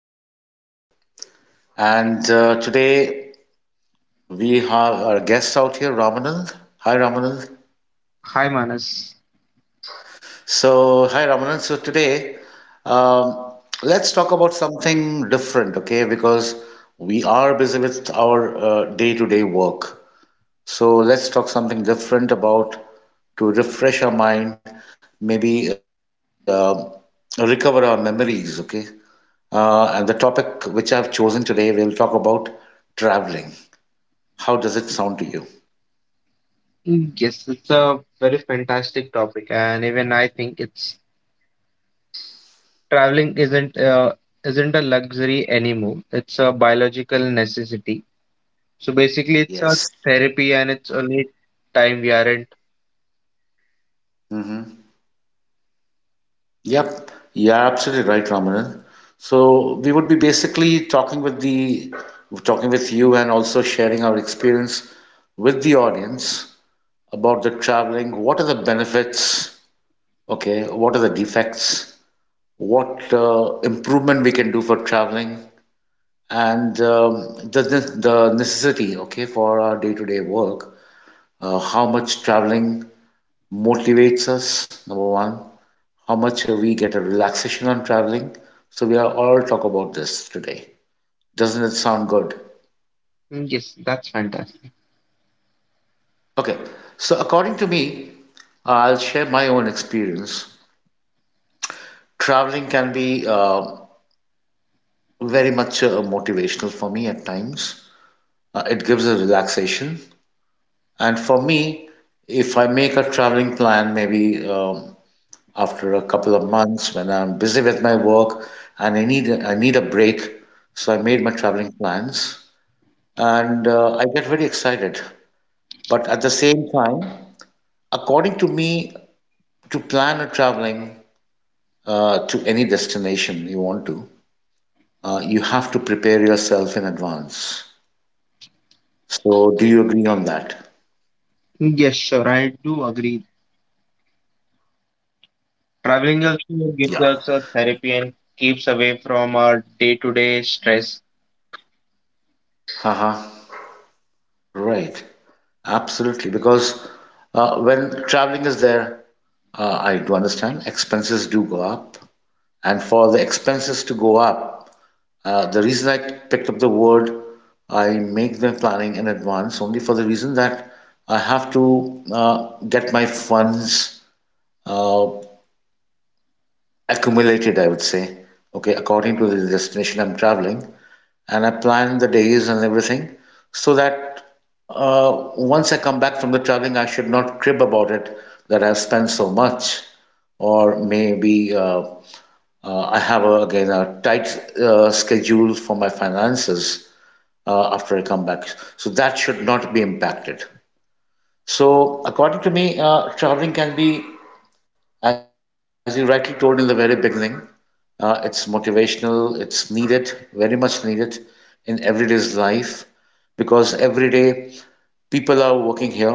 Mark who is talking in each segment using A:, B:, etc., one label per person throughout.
A: studio. And today we have our guest out here, Ramanand. Hi, Ramanand.
B: Hi, Manas.
A: So, hi, Ramanand. So, today um, let's talk about something different, okay? Because we are busy with our day to day work. So, let's talk something different about to refresh our mind, maybe recover our memories, okay? And the topic which I've chosen today, we'll talk about traveling. How does it sound to you?
B: Mm, yes, it's a very fantastic topic, and even I think it's traveling isn't a luxury anymore. It's a biological necessity. So basically, it's
A: Yes.
B: a therapy, and it's only time we aren't.
A: Hmm. Yep. You're absolutely right, Ramanan. So we would be basically talking with you and also sharing our experience with the audience about the traveling. What are the benefits? Okay. What are the defects? What improvement we can do for traveling? And the necessity, okay, for our day-to-day work, how much traveling motivates us, number one, how much we get a relaxation on traveling. So we are all talk about this today. Doesn't it sound good?
B: Mm, yes, that's fantastic.
A: Okay, so according to me, I'll share my own experience. Traveling can be very much motivational for me at times. It gives a relaxation, and for me, if I make a traveling plan, maybe. After a couple of months when I'm busy with my work and I need a break. So I made my traveling plans and I get very excited. But at the same time, according to me, to plan a traveling to any destination you want to, you have to prepare yourself in advance. So do you agree on that?
B: Mm, yes, sure, I do agree.
A: Yeah.
B: Traveling also gives us a therapy and keeps away from our day-to-day stress.
A: Haha. Right. Absolutely. Because when traveling is there, I do understand expenses do go up, and for the expenses to go up. The reason I picked up the word, I make the planning in advance only for the reason that I have to get my funds uh, accumulated, I would say, okay, according to the destination I'm traveling. And I plan the days and everything so that once I come back from the traveling, I should not crib about it that I've spent so much or maybe I have a, again a tight schedule for my finances after I come back, so that should not be impacted. So, according to me, traveling can be, as you rightly told in the very beginning, it's motivational, it's needed, very much needed in everyday's life because every day people are working here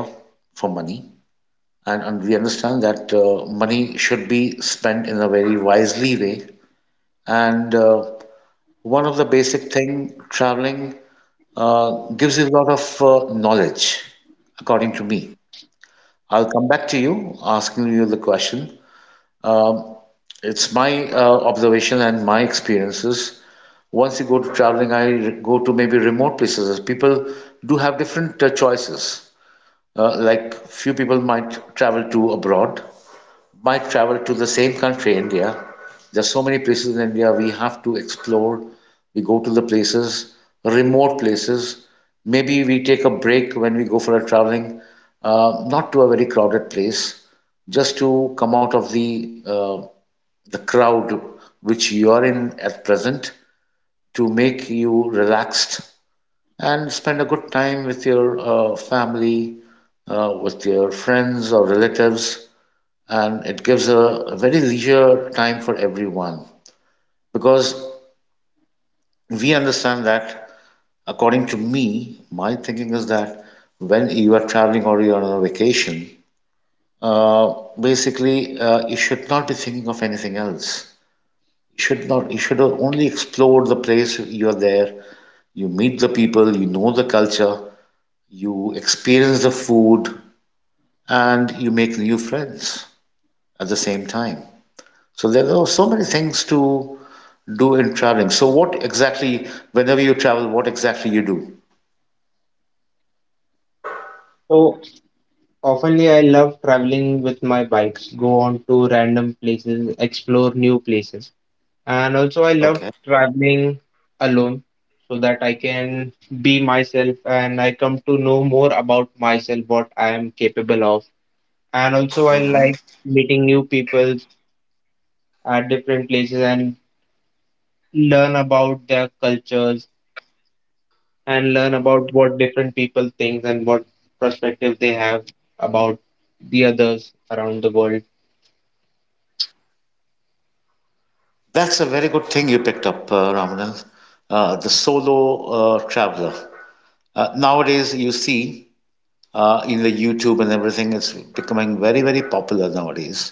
A: for money and we understand that money should be spent in a very wisely way and one of the basic thing, traveling gives you a lot of knowledge, according to me. I'll come back to you asking you the question. Um, it's my observation and my experiences. Once you go to traveling, go to maybe remote places. People do have different choices. Like few people might travel to abroad, might travel to the same country, India. There's so many places in India we have to explore. We go to the places, remote places. Maybe we take a break when we go for a traveling, not to a very crowded place, just to come out of the crowd which you are in at present to make you relaxed and spend a good time with your family, with your friends or relatives, and it gives a very leisure time for everyone because we understand that, according to me, my thinking is that when you are traveling or you are on a vacation, uh, basically you should not be thinking of anything else, you should not you should only explore the place you are there, you meet the people, you know the culture, you experience the food, and you make new friends at the same time. So there are so many things to do in traveling. So what exactly, whenever you travel, what exactly you do?
B: So oftenly, I love traveling with my bikes, go on to random places, explore new places. And also, I
A: Okay.
B: love traveling alone so that I can be myself and I come to know more about myself, what I am capable of. And also, I
A: Hmm.
B: like meeting new people at different places and learn about their cultures and learn about what different people think and what perspective they have about the others around the world.
A: That's a very good thing you picked up, Ramanan, the solo traveler. Nowadays, you see in the YouTube and everything, it's becoming very, very popular nowadays,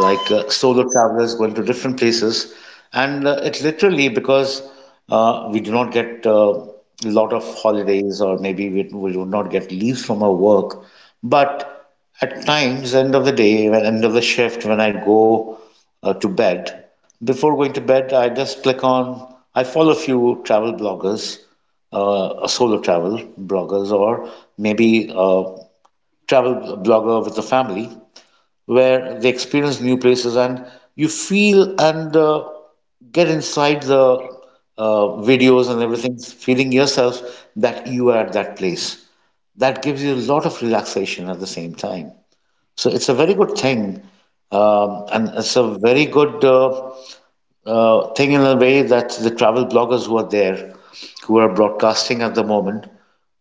A: like solo travelers going to different places. And it literally because we do not get a lot of holidays, or maybe we do not get leaves from our work. But at times, end of the day, end of the shift, when I go to bed, before going to bed, I just click on, I follow a few travel bloggers, solo travel bloggers, or maybe travel blogger with a family where they experience new places, and you feel and get inside the videos and everything, feeling yourself that you are at that place. That gives you a lot of relaxation at the same time. So it's a very good thing, and it's a very good thing in a way that the travel bloggers who are there, who are broadcasting at the moment,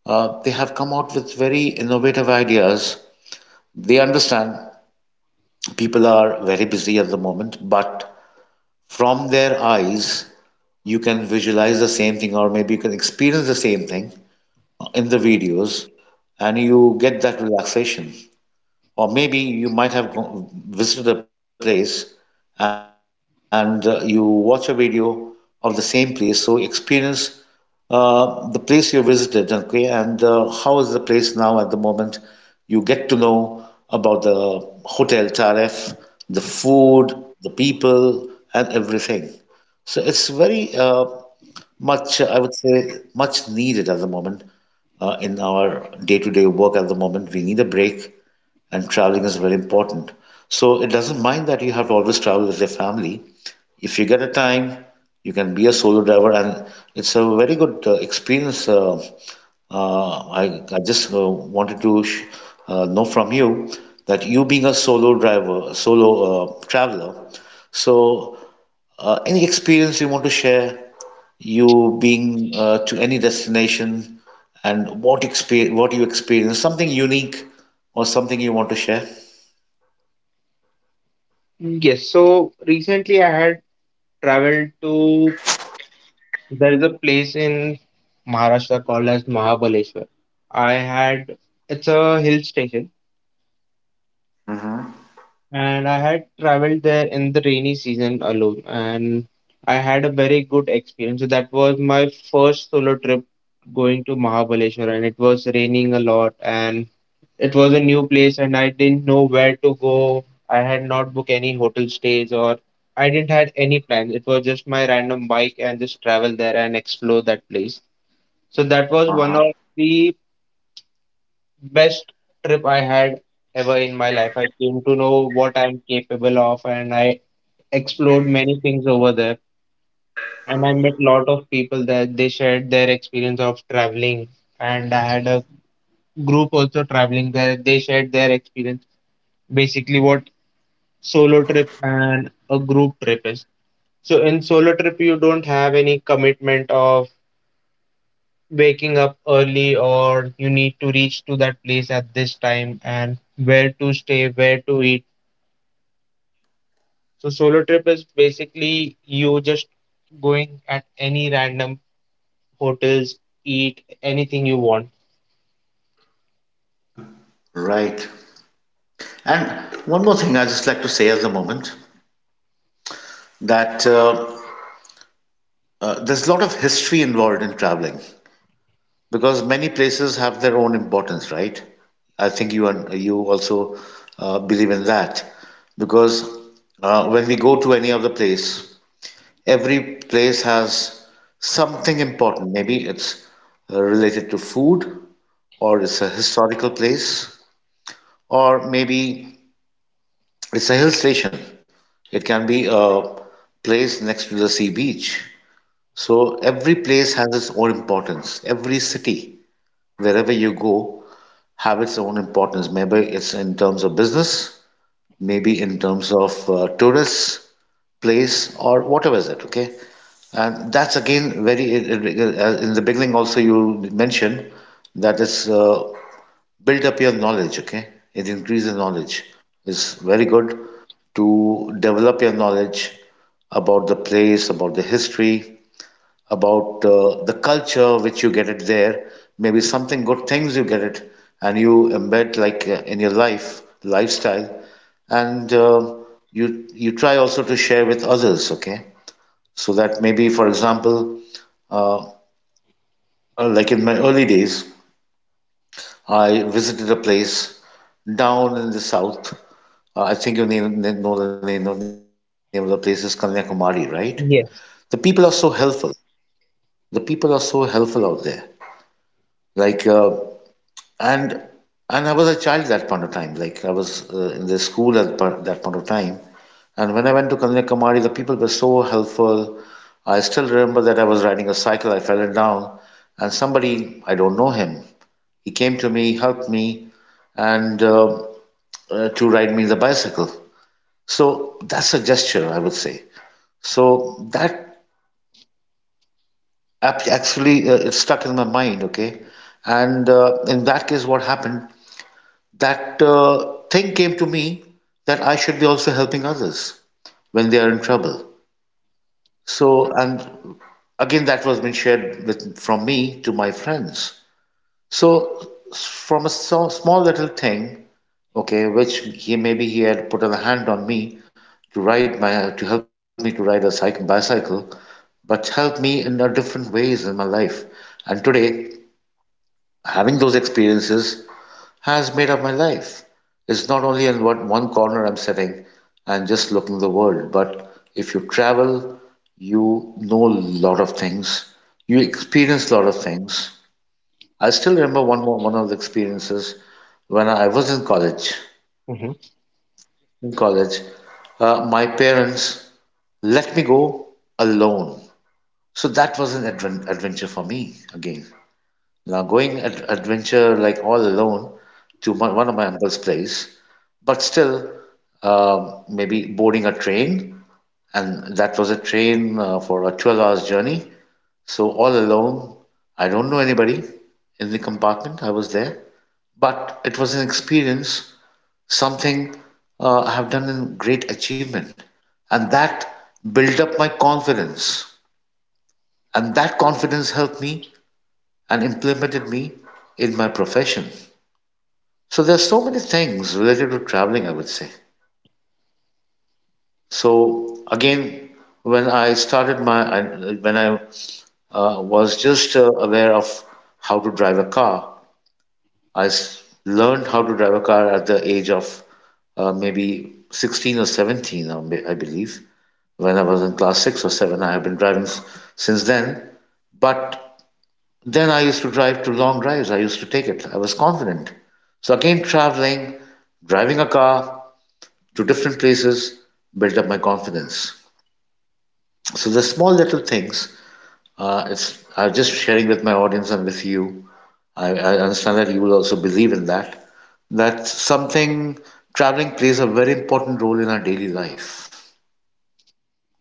A: they have come out with very innovative ideas. They understand people are very busy at the moment, but from their eyes, you can visualize the same thing, or maybe you can experience the same thing in the videos, and you get that relaxation, or maybe you might have visited a place, and you watch a video of the same place, so experience the place you visited, okay, and how is the place now at the moment, you get to know about the hotel tariff, the food, the people, and everything. So it's very much, I would say, much needed at the moment, in our day-to-day work at the moment we need a break, and traveling is very important. So it doesn't mind that you have to always travel with your family. If you get a time, you can be a solo driver, and it's a very good experience. I just wanted to know from you that you being a solo driver, solo traveler, so any experience you want to share, you being to any destination, and what you experience, something unique or something you want to share?
B: Yes, so recently I had traveled to, there is a place in Maharashtra called as Mahabaleshwar. I had It's a hill station and I had traveled there in the rainy season alone and I had a very good experience. So that was my first solo trip going to Mahabaleshwar and it was raining a lot and it was a new place and I didn't know where to go. I had not booked any hotel stays or I didn't had any plans. It was just my random bike and just travel there and explore that place. So that was one of the best trip I had ever in my life. I came to know what I'm capable of and I explored many things over there. And I met lot of people that they shared their experience of traveling. And I had a group also traveling there. They shared their experience. Basically what solo trip and a group trip is. So in solo trip you don't have any commitment of waking up early or you need to reach to that place at this time and where to stay, where to eat. So solo trip is basically you just going at any random hotels, eat anything you want.
A: Right. And one more thing I just like to say at the moment, that there's a lot of history involved in traveling. Because many places have their own importance, right? I think you also believe in that. Because when we go to any other place, every place has something important. Maybe it's related to food, or it's a historical place, or maybe it's a hill station. It can be a place next to the sea beach. So every place has its own importance. Every city, wherever you go, have its own importance. Maybe it's in terms of business, maybe in terms of tourists, place, or whatever is it. Okay, and that's again very in the beginning. Also, you mentioned that is build up your knowledge. Okay, it increases knowledge. It's very good to develop your knowledge about the place, about the history, about the culture which you get it there, maybe something good things you get it, and you embed like in your life lifestyle, and you try also to share with others. Okay, so that maybe for example, uh, like in my early days, I visited a place down in the south. I think know the name of the place is Kanyakumari, right? The people are
B: Yes.
A: so helpful. The people are so helpful out there. Like and and I was a child that point of time. Like I was in the school at that point of time, and when I went to Kanyakumari, the people were so helpful. I still remember that I was riding a cycle. I fell down, and somebody, I don't know him. He came to me, helped me, and to ride me the bicycle. So that's a gesture, I would say. So that actually it stuck in my mind. Okay, and in that case, what happened? That thing came to me that I should be also helping others when they are in trouble. So, and again, that was been shared with, from me to my friends. So, from a so, small little thing, okay, which he maybe he had put a hand on me to help me to ride a cycle bicycle, but helped me in a different ways in my life. And today, having those experiences has made up my life. It's not only in what one corner I'm sitting and just looking the world, but if you travel, you know a lot of things. You experience a lot of things. I still remember one of the experiences when I was in college.
B: Hmm.
A: In college, my parents let me go alone. So that was an adventure for me again. Now, going ad adventure like all alone to one of my uncle's place, but still maybe boarding a train, and that was a train for a 12 hours journey. So all alone, I don't know anybody in the compartment. I was there, but it was an experience, something I have done in great achievement, and that built up my confidence, and that confidence helped me and implemented me in my profession. So there are so many things related to traveling, I would say. So again, when I started my, I, when I was just aware of how to drive a car, I learned how to drive a car at the age of maybe 16 or 17, I believe. When I was in class six or seven, I have been driving since then. But then I used to drive to long drives. I used to take it. I was confident. So again, traveling, driving a car, to different places, built up my confidence. So the small little things, it's I'm just sharing with my audience and with you. I understand that you will also believe in that. That something traveling plays a very important role in our daily life.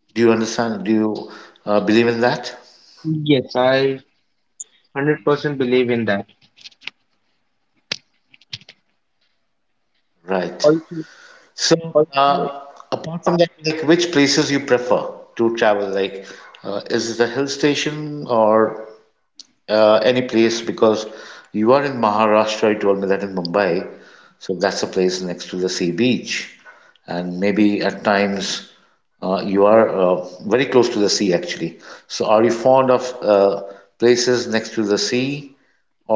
A: Do you understand? Do you believe in that?
B: Yes, I 100% believe in that.
A: Right.
B: Also,
A: So,
B: also,
A: uh, apart from that, like which places you prefer to travel? Like, is it a hill station or uh, any place because you are in Maharashtra, you told me that in Mumbai, so that's a place next to the sea beach, and maybe at times you are very close to the sea actually. So, are you fond of places next to the sea,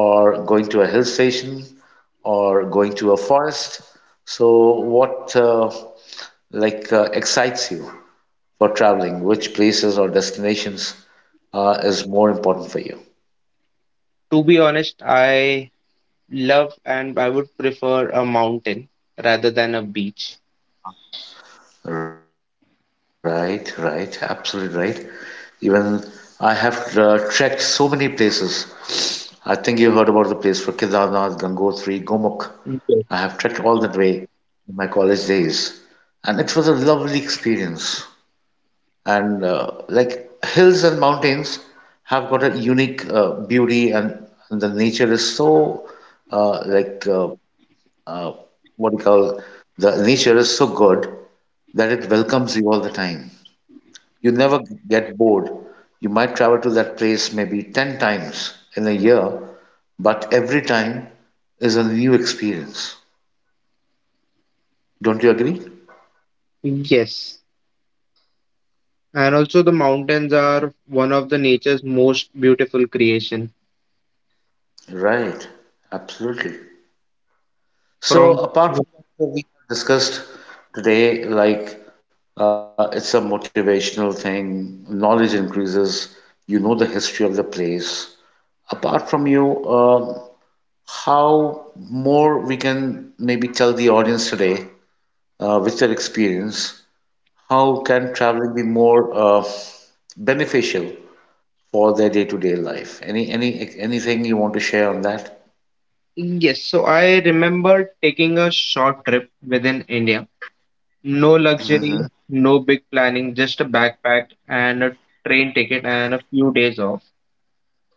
A: or going to a hill station, or going to a forest? So, what excites you for traveling? Which places or destinations is more important for you?
B: to be honest, I love and I would prefer a mountain rather than a beach.
A: Right, right, absolutely right. Even I have trekked so many places. I think you heard about the place for Kedarnath, Gangotri, Gomukh. I have trekked all
B: Yes.
A: that way in my college days, and it was a lovely experience. And like hills and mountains have got a unique beauty, and the nature is so uh, like uh, uh, what we call the nature is so good that it welcomes you all the time. You never get bored. You might travel to that place maybe 10 times in a year, but every time is a new experience. Don't you agree?
B: Yes. And also the mountains are one of the nature's most beautiful creation.
A: Right, absolutely. So,
B: From
A: apart from what we discussed today, like it's a motivational thing, knowledge increases, you know the history of the place. Apart from you, how more we can maybe tell the audience today with their experience how can traveling be more beneficial for their day-to-day life, anything you want to share on that?
B: yes, so I remember taking a short trip within India. No luxury,
A: Mm-hmm.
B: no big planning, just a backpack and a train ticket and a few days off.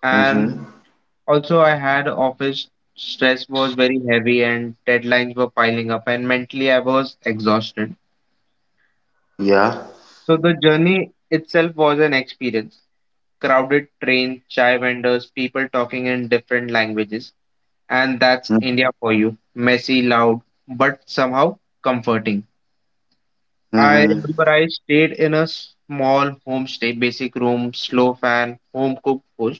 B: And
A: Mm-hmm.
B: also I had office stress was very heavy and deadlines were piling up and mentally I was exhausted.
A: Yeah.
B: So the journey itself was an experience. Crowded train, chai vendors, people talking in different languages. And that's India for you. Messy, loud, but somehow comforting. I remember
A: Mm-hmm.
B: I stayed in a small homestay, basic room, slow fan, home cooked food.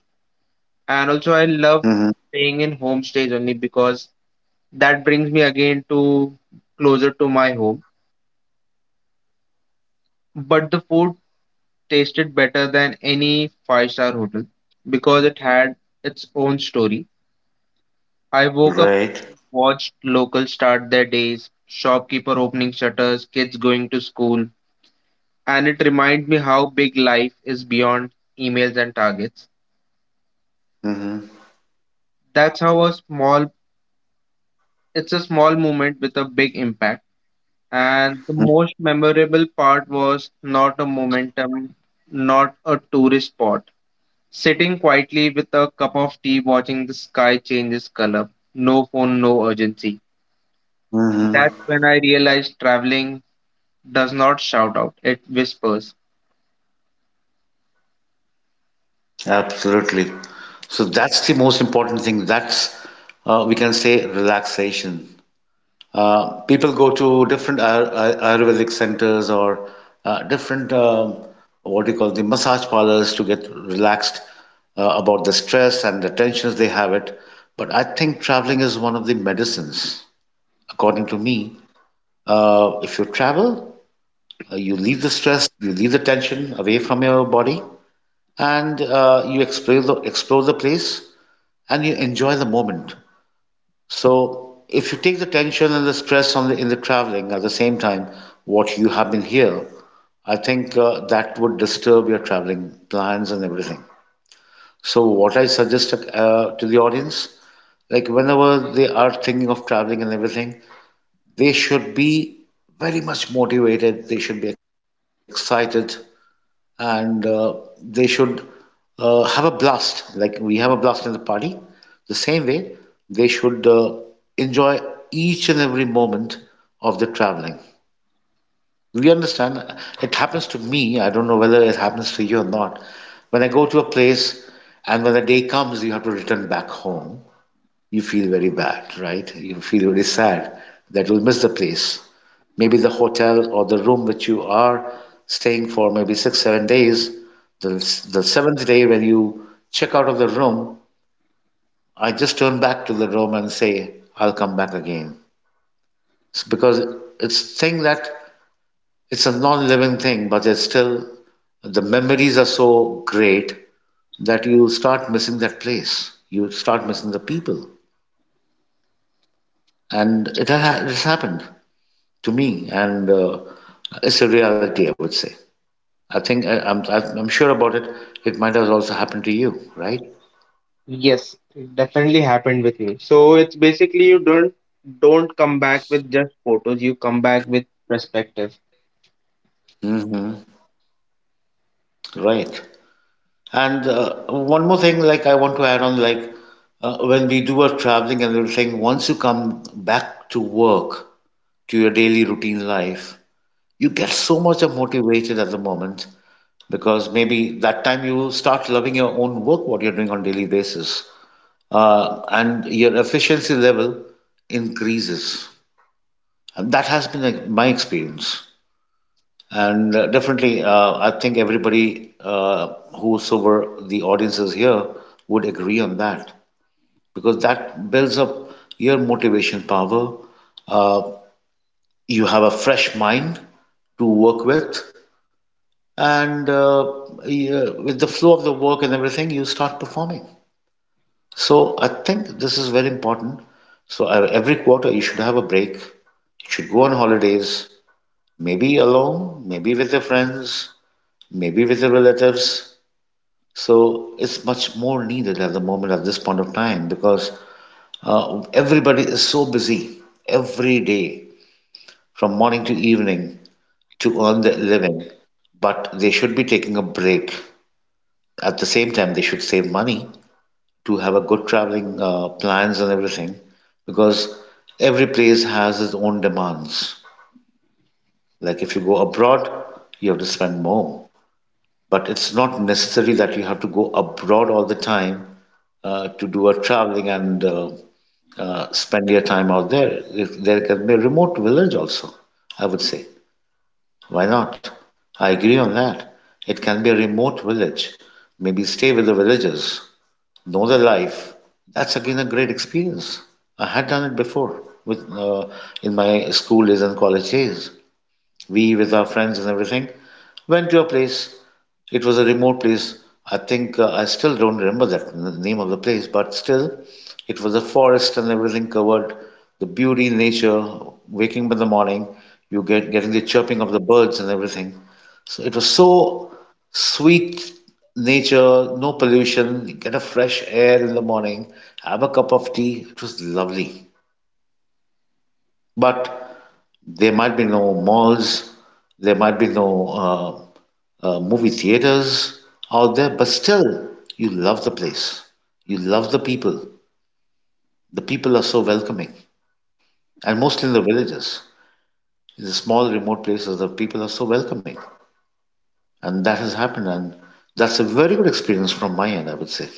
B: And also, I love
A: Mm-hmm.
B: staying in homestays only because that brings me again to closer to my home. But the food tasted better than any five-star hotel because it had its own story. I woke up,
A: Right.
B: watched locals start their days, shopkeeper opening shutters, kids going to school, and it reminded me how big life is beyond emails and targets.
A: Mm-hmm.
B: That's how a small It's a small moment with a big impact. And the most memorable part was not a momentum, not a tourist spot. Sitting quietly with a cup of tea watching the sky change its color. No phone, no urgency, that's when
A: Mm-hmm.
B: I realized traveling does not shout out, it whispers.
A: Absolutely. So that's the most important thing. That's, we can say, relaxation. People go to different Ayurvedic centers or different, what do you call the massage parlors to get relaxed about the stress and the tensions they have it. But I think traveling is one of the medicines, according to me. If you travel, you leave the stress, you leave the tension away from your body, and you explore explore the place and you enjoy the moment. So if you take the tension and the stress in the traveling at the same time, what you have been here, I think that would disturb your traveling plans and everything. So what I suggest to the audience, like whenever they are thinking of traveling and everything, they should be very much motivated. They should be excited and they should have a blast. Like we have a blast in the party, the same way they should enjoy each and every moment of the traveling. We understand, it happens to me. I don't know whether it happens to you or not. When I go to a place and when the day comes you have to return back home, you feel very bad, right? You feel very sad that you'll miss the place. Maybe the hotel or the room which you are staying for maybe six, 7 days, the, the seventh day when you check out of the room, I just turn back to the room and say, I'll come back again. It's because it's thing that it's a non-living thing, but it's still the memories are so great that you start missing that place. You start missing the people, and it has happened to me, and it's a reality, I would say. I think I'm sure about it. It might have also happened to you, right?
B: Yes, it definitely happened with me. So it's basically you don't come back with just photos, you come back with perspective.
A: Hmm. Right. And one more thing, like I want to add on, like when we do our traveling and everything. Once you come back to work, to your daily routine life, you get so much of motivated at the moment because maybe that time you start loving your own work, what you're doing on daily basis. And your efficiency level increases. And that has been like, my experience. And definitely, I think everybody, whosoever the audience is here, would agree on that because that builds up your motivation power. Uh, you have a fresh mind to work with, and yeah, with the flow of the work and everything, you start performing. So I think this is very important. So every quarter you should have a break. You should go on holidays, maybe alone, maybe with your friends, maybe with your relatives. So it's much more needed at the moment at this point of time because everybody is so busy every day from morning to evening to earn their living, but they should be taking a break. At the same time, they should save money to have a good traveling plans and everything because every place has its own demands. Like if you go abroad, you have to spend more. But it's not necessary that you have to go abroad all the time to do a traveling and spend your time out there. If there can be a remote village also, I would say. Why not? I agree on that. It can be a remote village. Maybe stay with the villagers, know their life. That's again a great experience. I had done it before with in my school days and college days. We with our friends and everything went to a place. It was a remote place. I think I still don't remember that name of the place, but still, it was a forest and everything covered. The beauty, nature, waking up in the morning, you getting the chirping of the birds and everything. So it was so sweet nature, no pollution. You get a fresh air in the morning. Have a cup of tea. It was lovely. But there might be no malls, there might be no movie theaters out there, but still, you love the place. You love the people. The people are so welcoming, and mostly in the villages, in the small remote places, the people are so welcoming, and that has happened, and that's a very good experience from my end, I would say.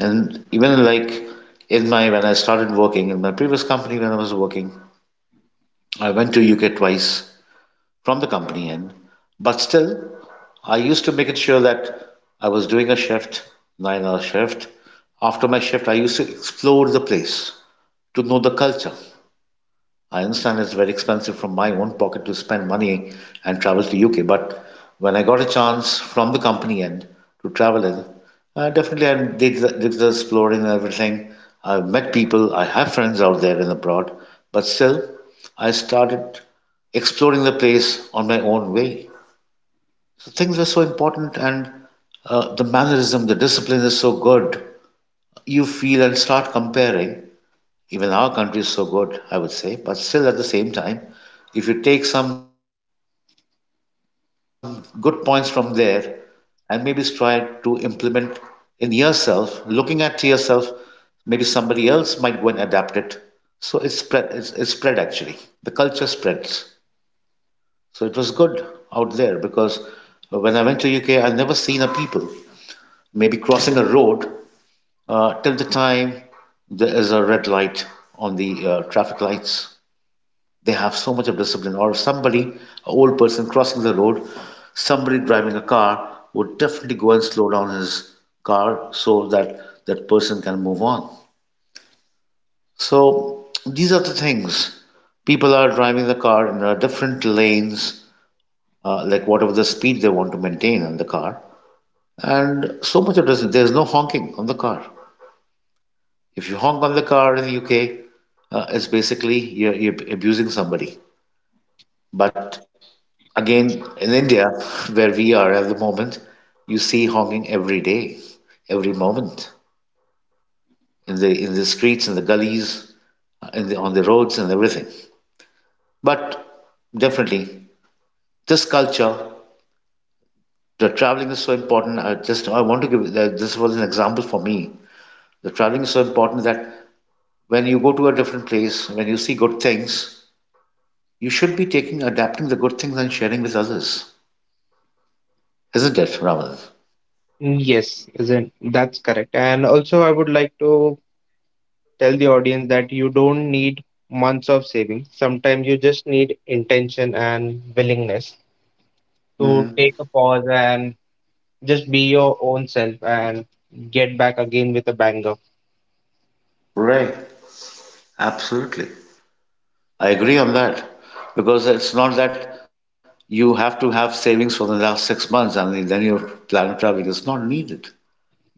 A: And even like in my when I started working in my previous company, when I was working, I went to UK twice from the company end. But still, I used to make it sure that I was doing a shift, 9 hour shift. After my shift, I used to explore the place to know the culture. I understand it's very expensive from my own pocket to spend money and travel to UK, but when I got a chance from the company end to travel in, definitely I did did the exploring and everything. I've met people, I have friends out there and abroad, but still, I started exploring the place on my own way. So things were so important, and the mannerism, the discipline is so good. You feel and start comparing. Even our country is so good, I would say. But still, at the same time, if you take some good points from there and maybe try to implement in yourself, looking at yourself, maybe somebody else might go and adapt it. So it spread. It's spread actually. The culture spreads. So it was good out there because when I went to UK, I never seen a people maybe crossing a road till the time there is a red light on the traffic lights. They have so much of discipline. Or somebody, an old person crossing the road, somebody driving a car would definitely go and slow down his car so that that person can move on. So these are the things. People are driving the car in different lanes, like whatever the speed they want to maintain on the car. And so much of this, there's no honking on the car. If you honk on the car in the UK, it's basically you're abusing somebody. But again, in India, where we are at the moment, you see honking every day, every moment in the streets, in the gullies, in on the roads, and everything. But definitely, this culture, the traveling is so important. I want to give that this was an example for me. The traveling is so important that when you go to a different place, when you see good things, you should be taking adapting the good things and sharing with others, isn't it, Raman?
B: Yes, isn't that's correct. And also I would like to tell the audience that you don't need months of saving. Sometimes you just need intention and willingness to
A: hmm
B: take a pause and just be your own self and get back again with a banger.
A: Right. Absolutely. I agree on that because it's not that you have to have savings for the last 6 months and then your plan travel is not needed.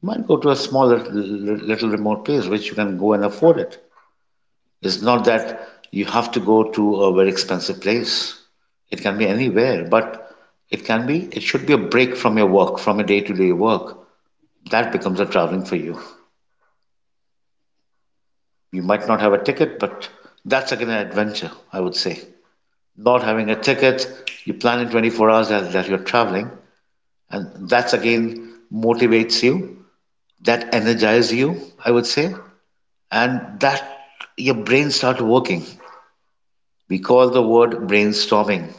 A: You might go to a small little remote place which you can go and afford it. It's not that you have to go to a very expensive place. It can be anywhere, but it should be a break from your work, from your day to day work. That becomes a traveling for you. You might not have a ticket, but that's again an adventure, I would say. Not having a ticket, you plan in 24 hours that, you're traveling, and that's again motivates you, that energizes you, I would say, and that your brain starts working. We call the word brainstorming.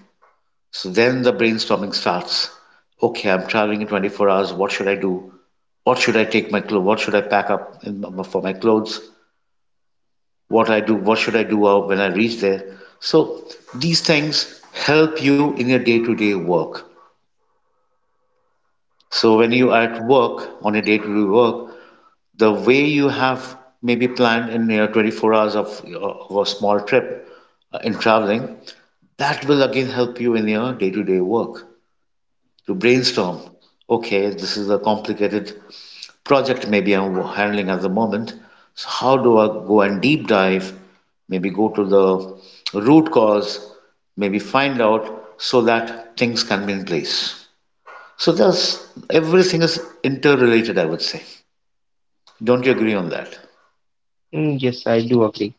A: So then the brainstorming starts. Okay, I'm traveling in 24 hours. What should I do? What should I take my clothes? What should I pack up in, for my clothes? What I do? What should I do when I reach there? So these things help you in your day-to-day work. So when you at work on a day-to-day work, the way you have maybe planned in your 24 hours of a small trip in traveling, that will again help you in your day-to-day work to brainstorm. Okay, this is a complicated project maybe I'm handling at the moment. So how do I go and deep dive? Maybe go to the root cause. Maybe find out so that things can be in place. So that's everything is interrelated, I would say. Don't you agree on that?
B: Mm, yes, I do agree.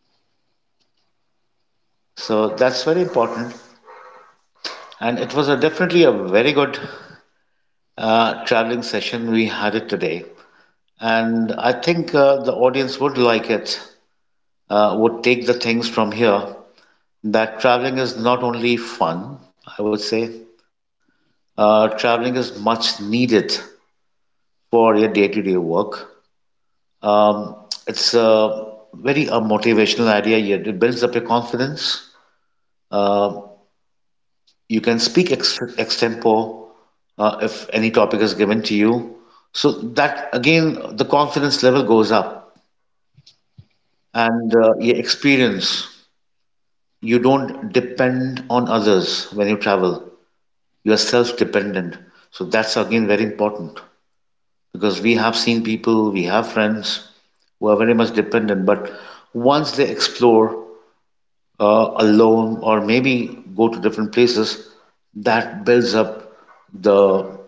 A: So that's very important. And it was a, definitely a very good traveling session we had it today. And I think the audience would like it, would take the things from here that traveling is not only fun, I would say, traveling is much needed for your day to day work. Um, it's a very a motivational idea. It builds up your confidence. Uh, you can speak extempore if any topic is given to you. So that again, the confidence level goes up and your experience. You don't depend on others when you travel. You are self-dependent. So that's again very important because we have seen people, we have friends who are very much dependent, but once they explore alone or maybe go to different places, that builds up the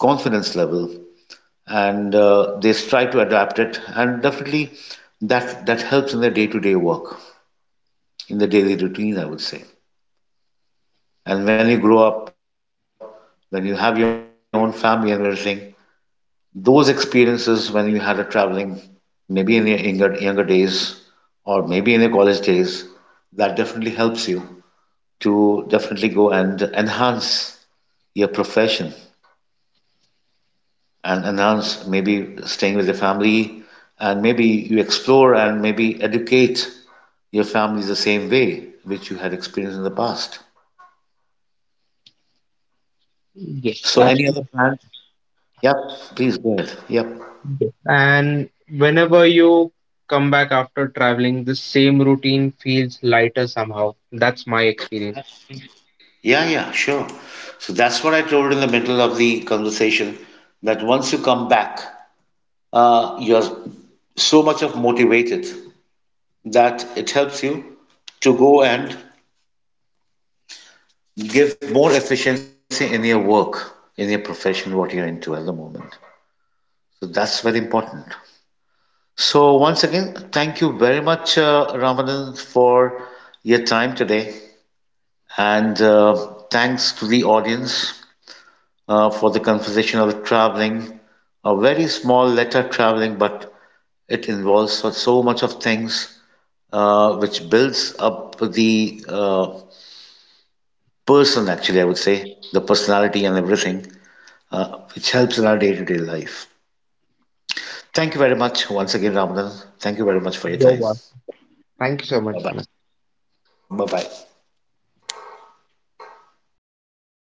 A: confidence level and they try to adapt it. And definitely that helps in their day to day work, in the daily routine, I would say. And when you grow up, when you have your own family and everything, those experiences when you had a traveling, maybe in your younger days or maybe in your college days, that definitely helps you to definitely go and enhance your profession and enhance maybe staying with your family and maybe you explore and maybe educate your family the same way which you had experienced in the past.
B: Yes,
A: So any other
B: absolutely.
A: plans? Yep, please go ahead. Yep.
B: And whenever you come back after traveling, the same routine feels lighter somehow. That's my experience.
A: Yeah, yeah, sure. So that's what I told in the middle of the conversation that once you come back, you're so much of motivated that it helps you to go and give more efficiency in your work, in your profession, what you're into at the moment. So that's very important. So once again, thank you very much, Ramadan, for your time today, and thanks to the audience for the conversation of traveling. A very small letter traveling, but it involves so much of things which builds up the person. Actually, I would say the personality and everything. Uh, which helps in our day to day life. Thank you very much once again, Ramadan. Thank you very much for your
B: Your
A: time.
B: one. Thank you so
A: Bye
B: much.
A: bye. Bye bye.